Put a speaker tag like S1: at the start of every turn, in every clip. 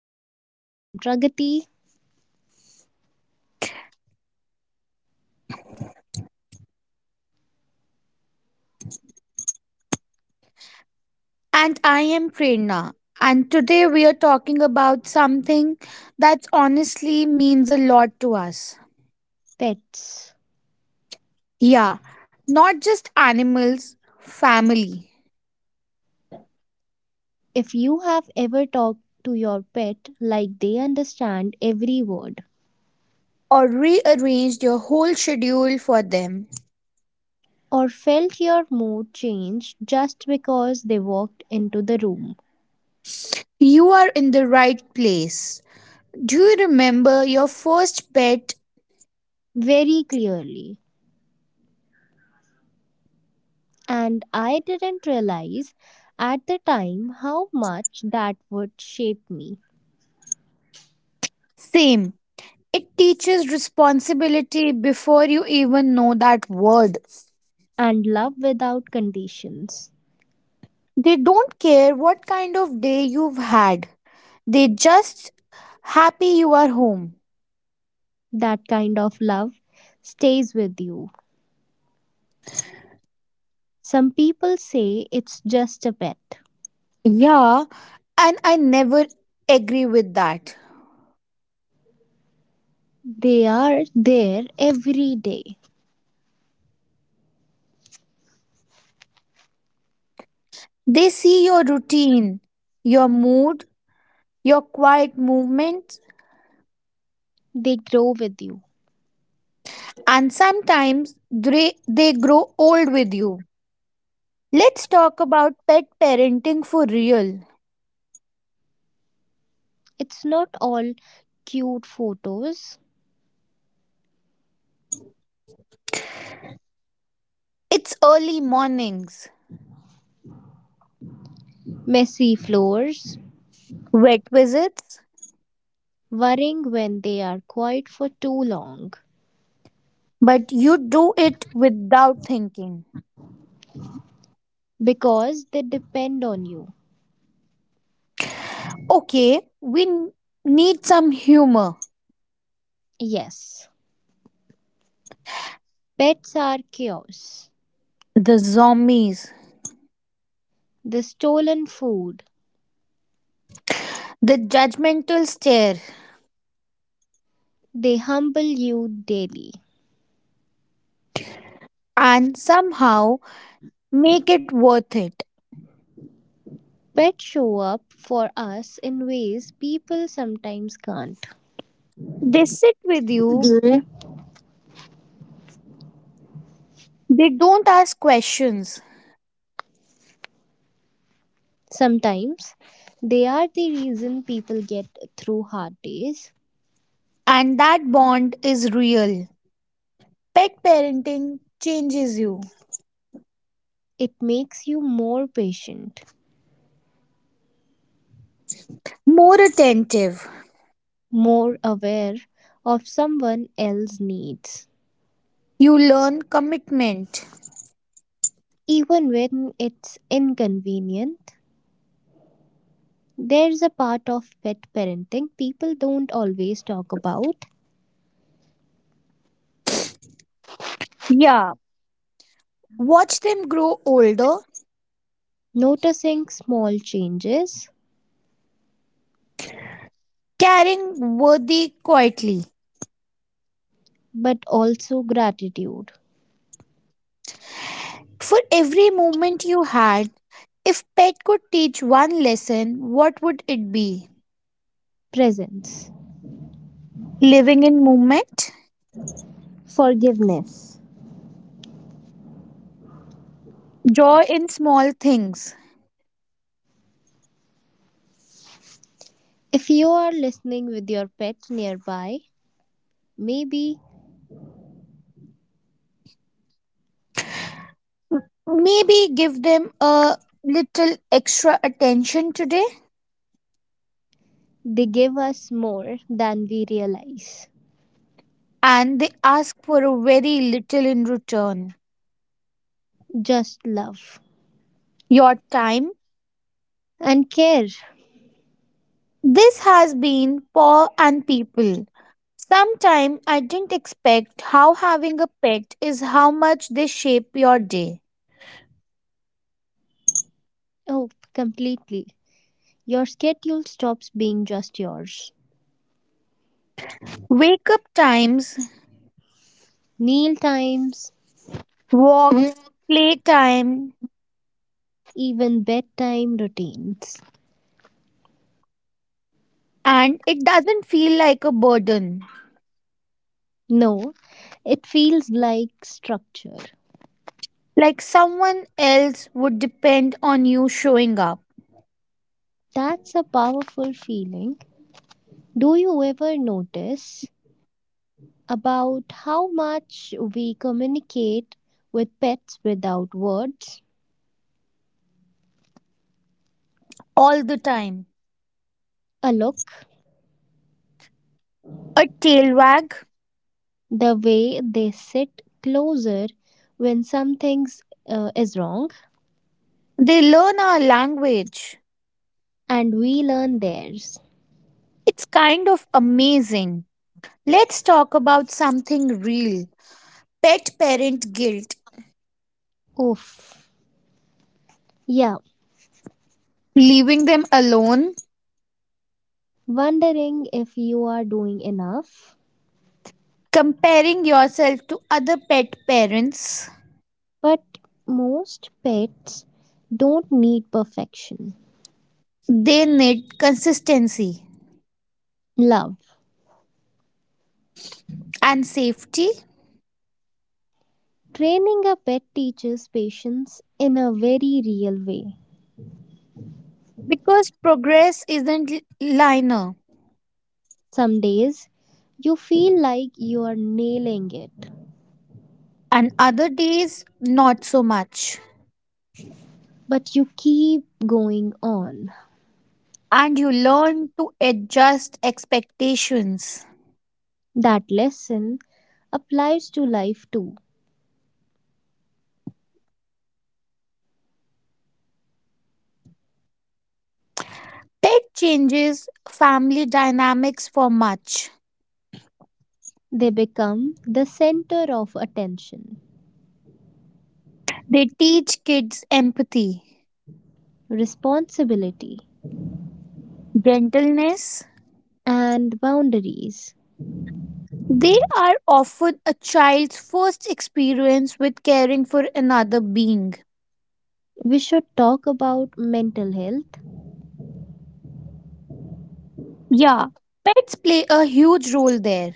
S1: and People. I'm Pragati.
S2: And I am Prerna. And today we are talking about something that honestly means a lot to us.
S1: Pets.
S2: Yeah, not just animals, family.
S1: If you have ever talked to your pet like they understand every word,
S2: Or rearranged your whole schedule for them.
S1: or felt your mood change just because they walked into the room
S2: You are in the right place. Do you remember your first pet?
S1: very clearly, and I didn't realize at the time how much that would shape me,
S2: Same. It teaches responsibility before you even know that word.
S1: and love without conditions.
S2: They don't care what kind of day you've had. They just happy you are home.
S1: That kind of love stays with you. Some people say it's just a pet.
S2: Yeah, and I never agree with that.
S1: They are there every day.
S2: They see your routine, your mood, your quiet movements,
S1: They grow with you.
S2: and sometimes they grow old with you. Let's talk about pet parenting for real.
S1: It's not all cute photos,
S2: It's early mornings,
S1: messy floors,
S2: vet visits,
S1: worrying when they are quiet for too long
S2: but you do it without thinking.
S1: because they depend on you.
S2: Okay, need some humor.
S1: Yes, pets are chaos.
S2: The zombies.
S1: They stolen food.
S2: The judgmental stare,
S1: They humble you daily.
S2: and somehow make it worth it.
S1: Pets show up for us in ways people sometimes can't.
S2: They sit with you, they don't ask questions,
S1: Sometimes they are the reason people get through hard days.
S2: and that bond is real. Pet parenting changes you.
S1: It makes you more patient,
S2: More attentive,
S1: more aware of someone else's needs.
S2: you learn commitment.
S1: Even when it's inconvenient, there's a part of pet parenting people don't always talk about.
S2: Yeah, watch them grow older,
S1: Noticing small changes,
S2: caring worthy quietly.
S1: but also gratitude,
S2: For every moment you had, if pet could teach one lesson, what would it be?
S1: presence,
S2: Living in movement?
S1: forgiveness.
S2: Joy in small things.
S1: If you are listening with your pet nearby, maybe
S2: Maybe give them a little extra attention today,
S1: they give us more than we realize.
S2: and they ask for a very little in return.
S1: Just love
S2: Your time.
S1: and care.
S2: This has been Paw and People. Sometime I didn't expect how having a pet is how much they shape your day.
S1: Oh, completely. Your schedule stops being just yours.
S2: Wake up times,
S1: Meal times,
S2: walks, play time,
S1: even bedtime routines.
S2: and it doesn't feel like a burden.
S1: No, it feels like structure.
S2: Like someone else would depend on you showing up.
S1: That's a powerful feeling. Do you ever notice about how much we communicate with pets without words?
S2: All the time.
S1: A look,
S2: A tail wag.
S1: the way they sit closer when something is wrong,
S2: They learn our language.
S1: and we learn theirs.
S2: It's kind of amazing. Let's talk about something real, pet parent guilt.
S1: Oof. Yeah,
S2: Leaving them alone,
S1: wondering if you are doing enough.
S2: comparing yourself to other pet parents.
S1: But most pets don't need perfection.
S2: They need consistency
S1: Love.
S2: and safety.
S1: Training a pet teaches patience in a very real way.
S2: Because progress isn't linear,
S1: Some days you feel like you are nailing it,
S2: and other days, not so much.
S1: but you keep going on.
S2: And you learn to adjust expectations.
S1: That lesson applies to life too.
S2: Pet changes family dynamics for much.
S1: They become the center of attention,
S2: They teach kids empathy,
S1: responsibility,
S2: gentleness.
S1: and boundaries.
S2: They are often a child's first experience with caring for another being.
S1: We should talk about mental health.
S2: Yeah, pets play a huge role there.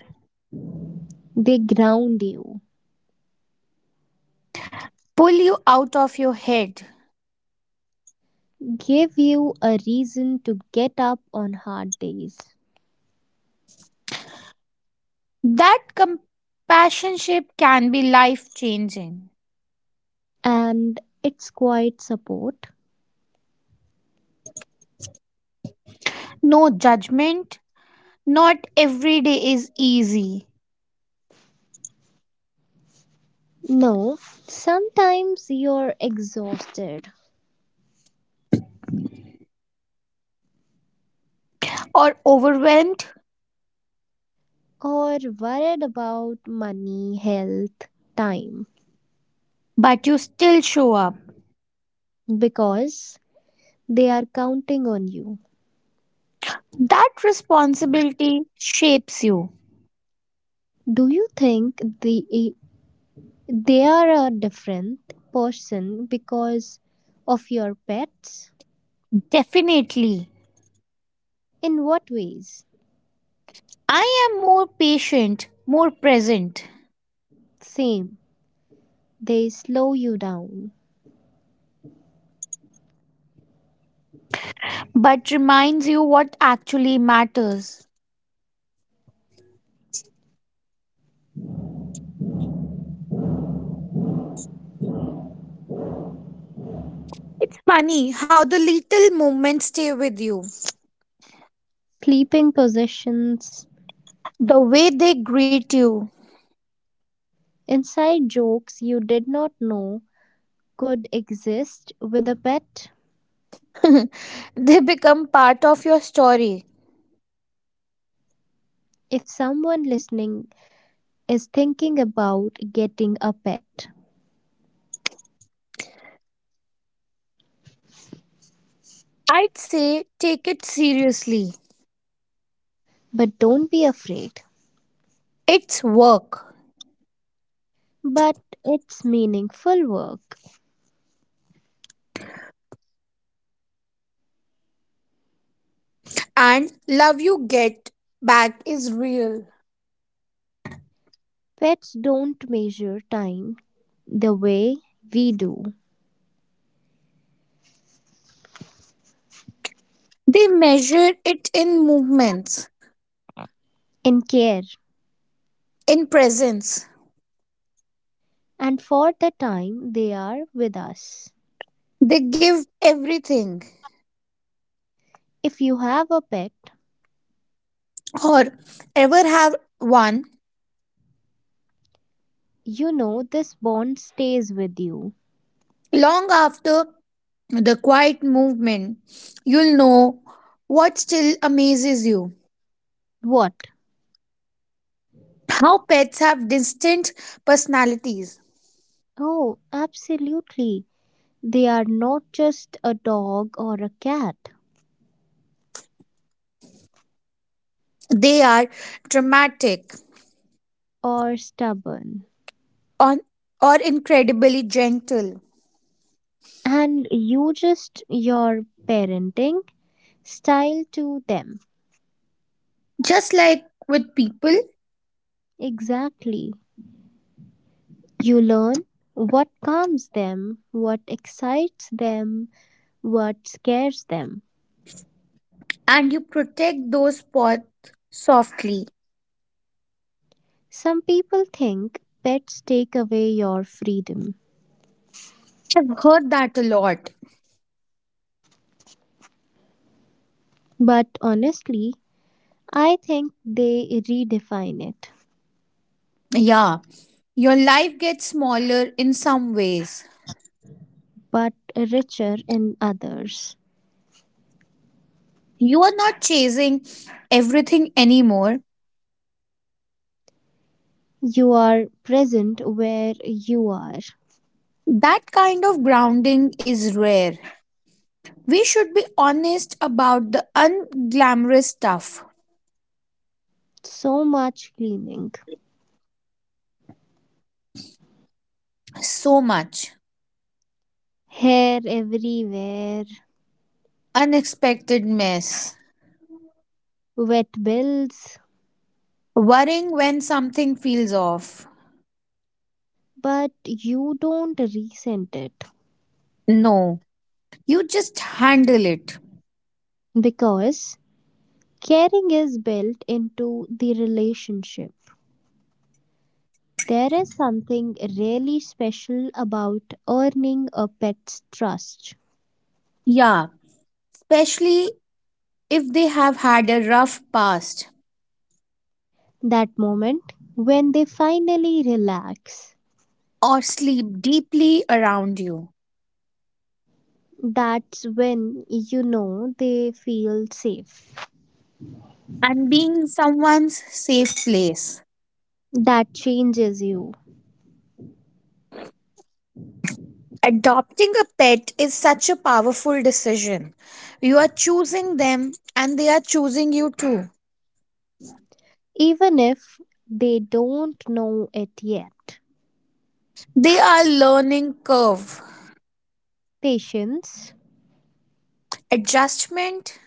S1: They ground you,
S2: Pull you out of your head.
S1: give you a reason to get up on hard days,
S2: That compassionship can be life changing.
S1: and it's quite support.
S2: No judgment, not every day is easy,
S1: No, sometimes you're exhausted
S2: or overwhelmed,
S1: or worried about money, health, time
S2: but you still show up.
S1: because they are counting on you.
S2: That responsibility shapes you.
S1: Do you think they are a different person because of your pets?
S2: Definitely.
S1: In what ways?
S2: I am more patient, more present,
S1: Same. They slow you down.
S2: but reminds you what actually matters. It's funny how the little moments stay with you.
S1: Sleeping positions,
S2: The way they greet you,
S1: inside jokes you did not know could exist with a pet.
S2: they become part of your story.
S1: If someone listening is thinking about getting a pet,
S2: I'd say take it seriously.
S1: but don't be afraid.
S2: It's work.
S1: But it's meaningful work.
S2: And love you get back is real.
S1: Pets don't measure time the way we do,
S2: They measure it in movements,
S1: in care,
S2: in presence.
S1: and for the time they are with us.
S2: They give everything,
S1: If you have a pet,
S2: or ever have one.
S1: you know this bond stays with you.
S2: Long after the quiet movement, you'll know what still amazes you.
S1: What?
S2: How pets have distinct personalities.
S1: Oh, absolutely. They are not just a dog or a cat
S2: They are dramatic
S1: or stubborn.
S2: on, or incredibly gentle.
S1: And you just your parenting style to them.
S2: Just like with people,
S1: Exactly. You learn what calms them, what excites them, what scares them.
S2: and you protect those spots softly.
S1: Some people think pets take away your freedom,
S2: I've heard that a lot.
S1: but honestly, I think they redefine it,
S2: Yeah, your life gets smaller in some ways.
S1: but richer in others.
S2: You are not chasing everything anymore.
S1: You are present where you are.
S2: That kind of grounding is rare. We should be honest about the unglamorous stuff.
S1: So much cleaning,
S2: So much.
S1: hair everywhere,
S2: Unexpected mess.
S1: wet bills,
S2: Worrying when something feels off.
S1: but you don't resent it
S2: No, you just handle it.
S1: because caring is built into the relationship. There is something really special about earning a pet's trust.
S2: Yeah, especially if they have had a rough past,
S1: That moment when they finally relax,
S2: or sleep deeply around you,
S1: that's when you know they feel safe.
S2: and being someone's safe place.
S1: That changes you,
S2: Adopting a pet is such a powerful decision. You are choosing them and they are choosing you too.
S1: even if they don't know it yet.
S2: They are learning curve.
S1: Patience.
S2: Adjustment,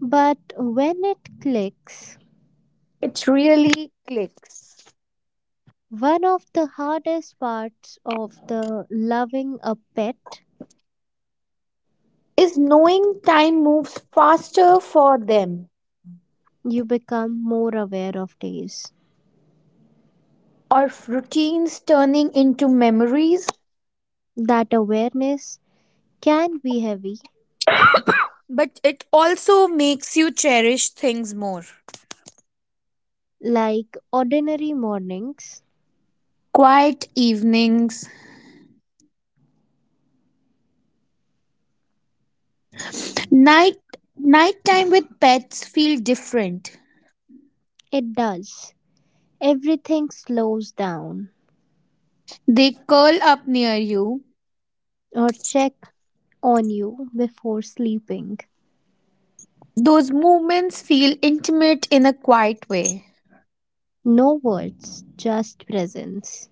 S1: But when it clicks,
S2: it really clicks.
S1: one of the hardest parts of the loving a pet,
S2: Is knowing time moves faster for them,
S1: you become more aware of days.
S2: or routines turning into memories,
S1: That awareness can be heavy,
S2: but it also makes you cherish things more.
S1: like ordinary mornings.
S2: Quiet evenings. Night Nighttime with pets feel different.
S1: It does. Everything slows down
S2: They curl up near you.
S1: or check on you before sleeping.
S2: Those moments feel intimate in a quiet way.
S1: No words, just presence.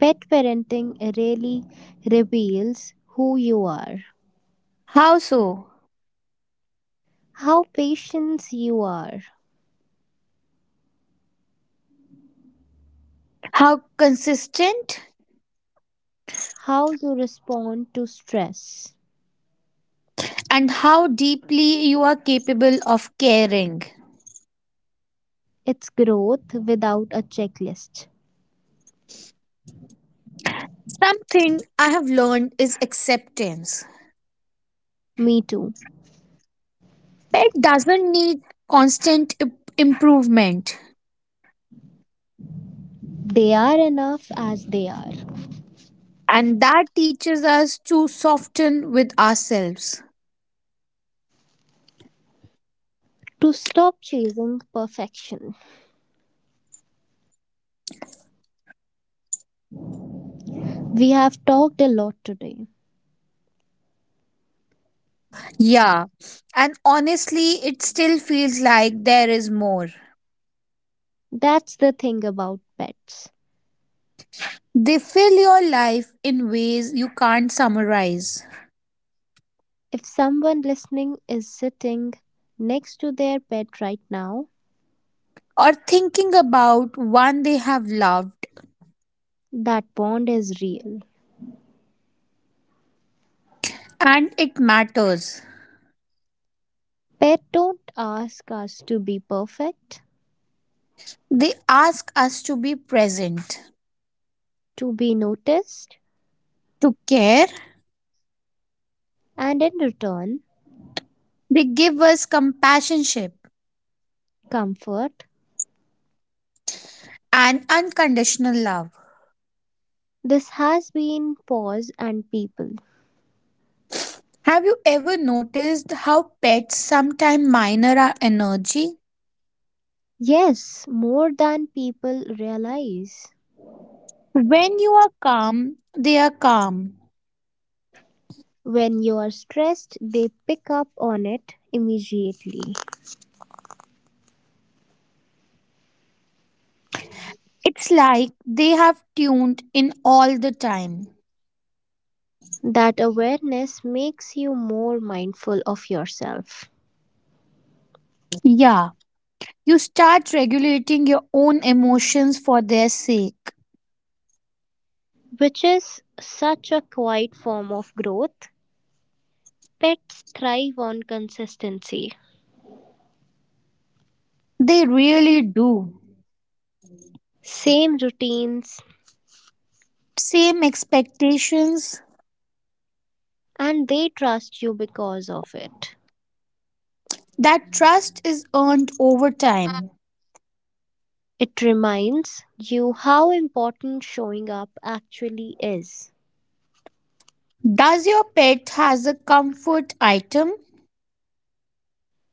S1: Pet parenting really reveals who you are,
S2: How so?
S1: how patient you are,
S2: How consistent,
S1: how you respond to stress.
S2: and how deeply you are capable of caring.
S1: It's growth without a checklist.
S2: Something I have learned is acceptance.
S1: Me too.
S2: Pet doesn't need constant improvement.
S1: They are enough as they are.
S2: And that teaches us to soften with ourselves.
S1: To stop chasing perfection. We have talked a lot today.
S2: Yeah, and honestly, it still feels like there is more.
S1: That's the thing about pets.
S2: They fill your life in ways you can't summarize,
S1: If someone listening is sitting next to their pet right now,
S2: or thinking about one they have loved,
S1: that bond is real.
S2: and it matters.
S1: Pets don't ask us to be perfect,
S2: They ask us to be present,
S1: to be noticed,
S2: to care,
S1: and in return,
S2: they give us compassionship
S1: comfort,
S2: and unconditional love.
S1: this has been Pause and People.
S2: Have you ever noticed how pets sometimes minor our energy?
S1: Yes, more than people realize.
S2: When you are calm, they are calm.
S1: When you are stressed, they pick up on it immediately.
S2: It's like they have tuned in all the time.
S1: That awareness makes you more mindful of yourself,
S2: Yeah, you start regulating your own emotions for their sake.
S1: which is such a quiet form of growth. Pets thrive on consistency,
S2: They really do.
S1: same routines,
S2: Same expectations.
S1: and they trust you because of it.
S2: That trust is earned over time.
S1: It reminds you how important showing up actually is.
S2: Does your pet has a comfort item?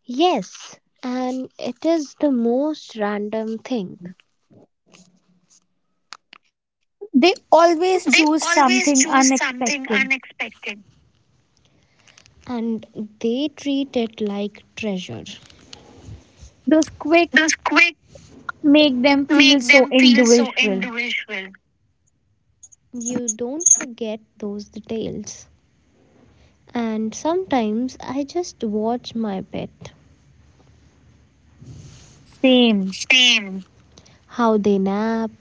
S1: Yes, and it is the most random thing.
S2: They always choose something
S1: Choose something
S2: unexpected.
S1: unexpected, and they treat it like treasure.
S2: Those quick
S1: Those quick
S2: make them feel
S1: make
S2: so
S1: them feel so
S2: individual.
S1: individual. You don't forget those details. And sometimes I just watch my pet.
S2: Same.
S1: Same. How they nap,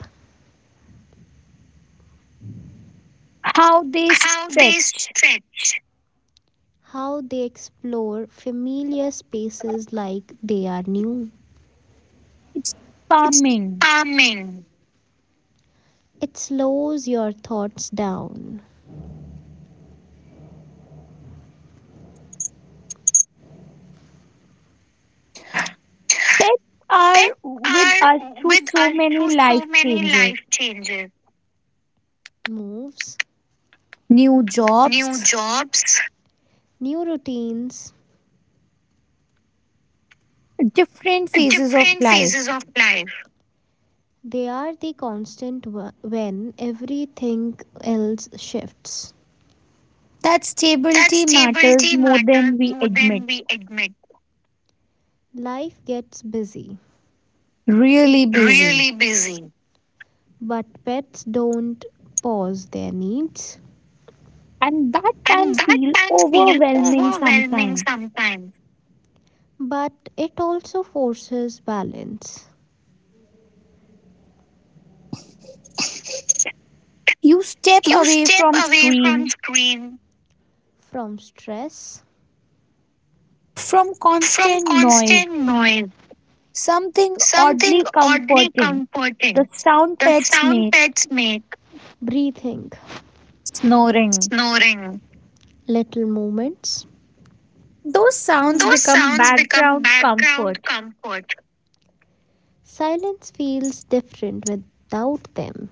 S2: How they
S1: how they
S2: stretch.
S1: stretch, how they explore familiar spaces like they are new.
S2: It's
S1: It's
S2: calming.
S1: calming. It slows your thoughts down.
S2: Pets are
S1: Pets
S2: with
S1: are
S2: us through
S1: with
S2: so
S1: us
S2: many
S1: through so
S2: life
S1: many
S2: changes,
S1: life changes, moves,
S2: new
S1: new
S2: jobs,
S1: jobs, new routines,
S2: different phases of
S1: different phases
S2: life.
S1: of life. They are the constant when everything else shifts.
S2: That
S1: That
S2: stability matters
S1: stability
S2: more than
S1: matters
S2: we
S1: more
S2: admit.
S1: than we admit. Life gets busy,
S2: Really busy.
S1: really busy. But pets don't pause their needs.
S2: And that can
S1: And that
S2: feel
S1: can feel
S2: overwhelming
S1: overwhelming
S2: sometimes.
S1: sometimes. But it also forces balance.
S2: You step
S1: You
S2: away
S1: step
S2: from
S1: away from
S2: screen,
S1: screen, from stress,
S2: from
S1: from
S2: constant noise,
S1: constant noise,
S2: something
S1: something
S2: oddly
S1: oddly
S2: comforting. The
S1: comforting.
S2: sound
S1: The
S2: pets
S1: sound
S2: make,
S1: pets make, breathing,
S2: snoring.
S1: snoring, little movements.
S2: Those sounds
S1: Those
S2: become
S1: sounds become
S2: background
S1: background
S2: comfort.
S1: comfort. Silence feels different without them.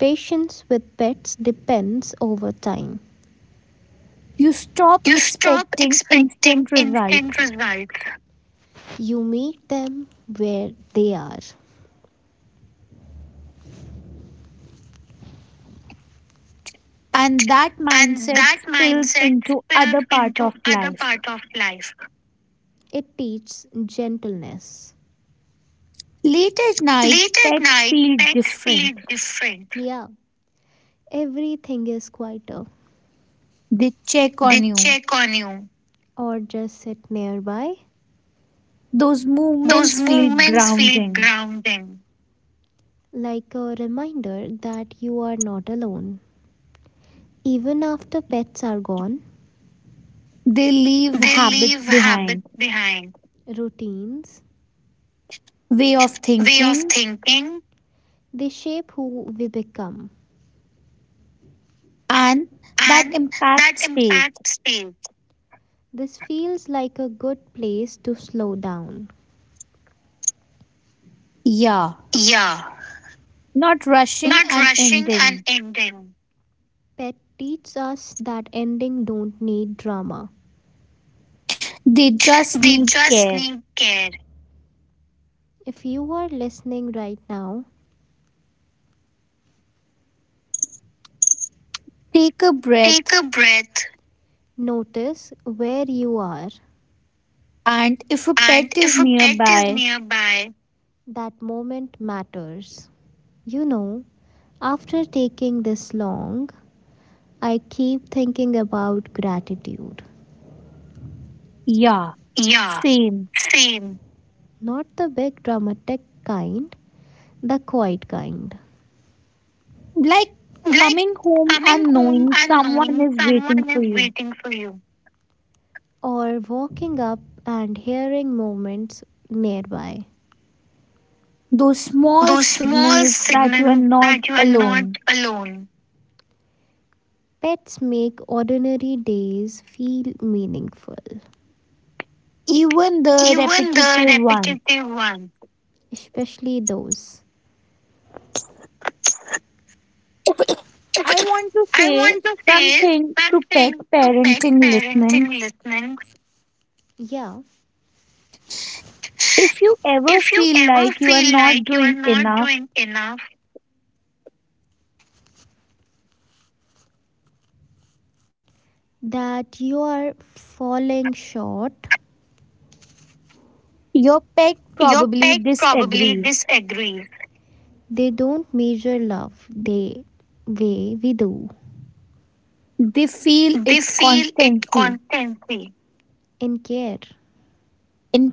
S1: Patience with pets depends over time.
S2: You stop
S1: You stop
S2: expecting
S1: expecting
S2: instant results,
S1: instant results. You meet them where they are.
S2: and that
S1: And
S2: mindset
S1: that
S2: spills
S1: mindset
S2: into other
S1: spills
S2: part of
S1: into other
S2: life.
S1: parts of life. It teaches gentleness.
S2: Late at night,
S1: Late at
S2: pets
S1: night,
S2: feel
S1: pets feel
S2: different.
S1: different. Yeah, everything is quieter.
S2: They check
S1: They
S2: on you.
S1: check on you or just sit nearby.
S2: Those
S1: Those
S2: movements feel
S1: movements feel
S2: grounding.
S1: grounding, like a reminder that you are not alone. Even after pets are gone,
S2: They leave
S1: they
S2: habits
S1: leave
S2: behind,
S1: habits behind, routines,
S2: way of
S1: way of
S2: thinking,
S1: thinking, they shape who we become.
S2: and that
S1: And
S2: impact
S1: that
S2: stays.
S1: impact stays. This feels like a good place to slow down.
S2: Yeah,
S1: Yeah,
S2: not rushing
S1: not
S2: and
S1: rushing and
S2: ending.
S1: ending. Pet teaches us that ending don't need drama.
S2: They just
S1: They
S2: need
S1: just
S2: care.
S1: need care. If you are listening right now,
S2: Take a
S1: take
S2: breath.
S1: a breath, notice where you are.
S2: And if a
S1: And
S2: pet is
S1: if a pet is
S2: nearby,
S1: nearby, that moment matters. You know, after taking this long, I keep thinking about gratitude.
S2: yeah,
S1: Yeah,
S2: same.
S1: same. Not the big dramatic kind, the quiet kind.
S2: Like
S1: Like
S2: coming home
S1: coming
S2: and
S1: home
S2: knowing
S1: and
S2: someone
S1: knowing
S2: is waiting
S1: someone
S2: for
S1: is
S2: you.
S1: waiting for you, or walking up and hearing movements nearby.
S2: Those small
S1: Those small
S2: signals that you are
S1: signals
S2: not
S1: that you are not
S2: alone,
S1: alone. Pets make ordinary days feel meaningful,
S2: even the
S1: even the
S2: repetitive ones.
S1: repetitive ones, especially those.
S2: I want to
S1: I
S2: say
S1: want to say
S2: something to pet
S1: something to pet
S2: parenting listening.
S1: parenting listeners. Yeah,
S2: If you ever
S1: if you
S2: feel
S1: ever
S2: like you are
S1: feel
S2: not
S1: like you are
S2: doing
S1: not
S2: enough,
S1: doing enough, that you are falling short,
S2: your pet
S1: your
S2: probably
S1: pet probably
S2: disagrees.
S1: disagrees. They don't measure love the way we do.
S2: They feel
S1: They
S2: it
S1: feel it
S2: constantly
S1: constantly, in care,
S2: in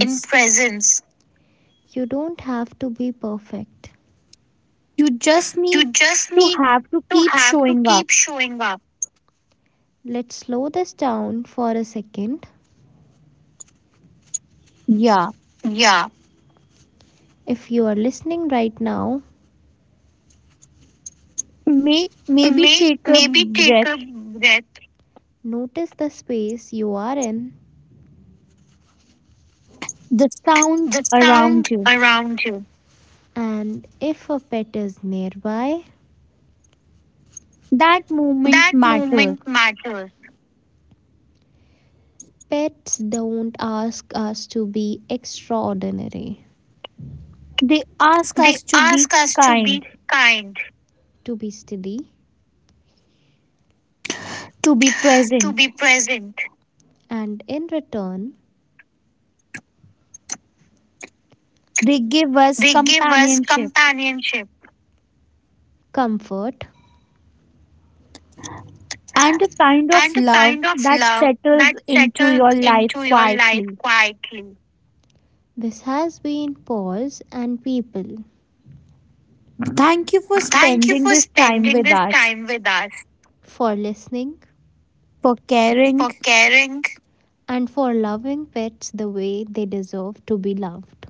S1: in presence. You don't have to be perfect.
S2: You just need
S1: You just
S2: to
S1: need
S2: have to
S1: to
S2: keep
S1: have to
S2: showing up.
S1: keep showing up. Let's slow this down for a second.
S2: Yeah.
S1: Yeah. If you are listening right now,
S2: Maybe
S1: May,
S2: take a
S1: maybe take a
S2: breath,
S1: breath, notice the space you are in,
S2: the sound
S1: the
S2: around
S1: sound
S2: you.
S1: around you, and if a pet is nearby,
S2: That moment
S1: that
S2: matters.
S1: movement matters. Pets don't ask us to be extraordinary,
S2: They ask
S1: they
S2: us to be
S1: ask us to be
S2: kind,
S1: kind, to be steady,
S2: to be
S1: to
S2: present.
S1: be present. And in return,
S2: They give us
S1: they give us
S2: companionship
S1: companionship, comfort,
S2: and a kind of
S1: and a
S2: love
S1: kind of
S2: that
S1: love
S2: settles
S1: that
S2: into
S1: settles
S2: your life
S1: into your life
S2: quietly.
S1: quietly. This has been Pause and People.
S2: Thank you for
S1: Thank you
S2: spending
S1: for
S2: this time
S1: spending
S2: with
S1: this
S2: us,
S1: time with us, for listening,
S2: for caring,
S1: for caring, and for loving pets the way they deserve to be loved.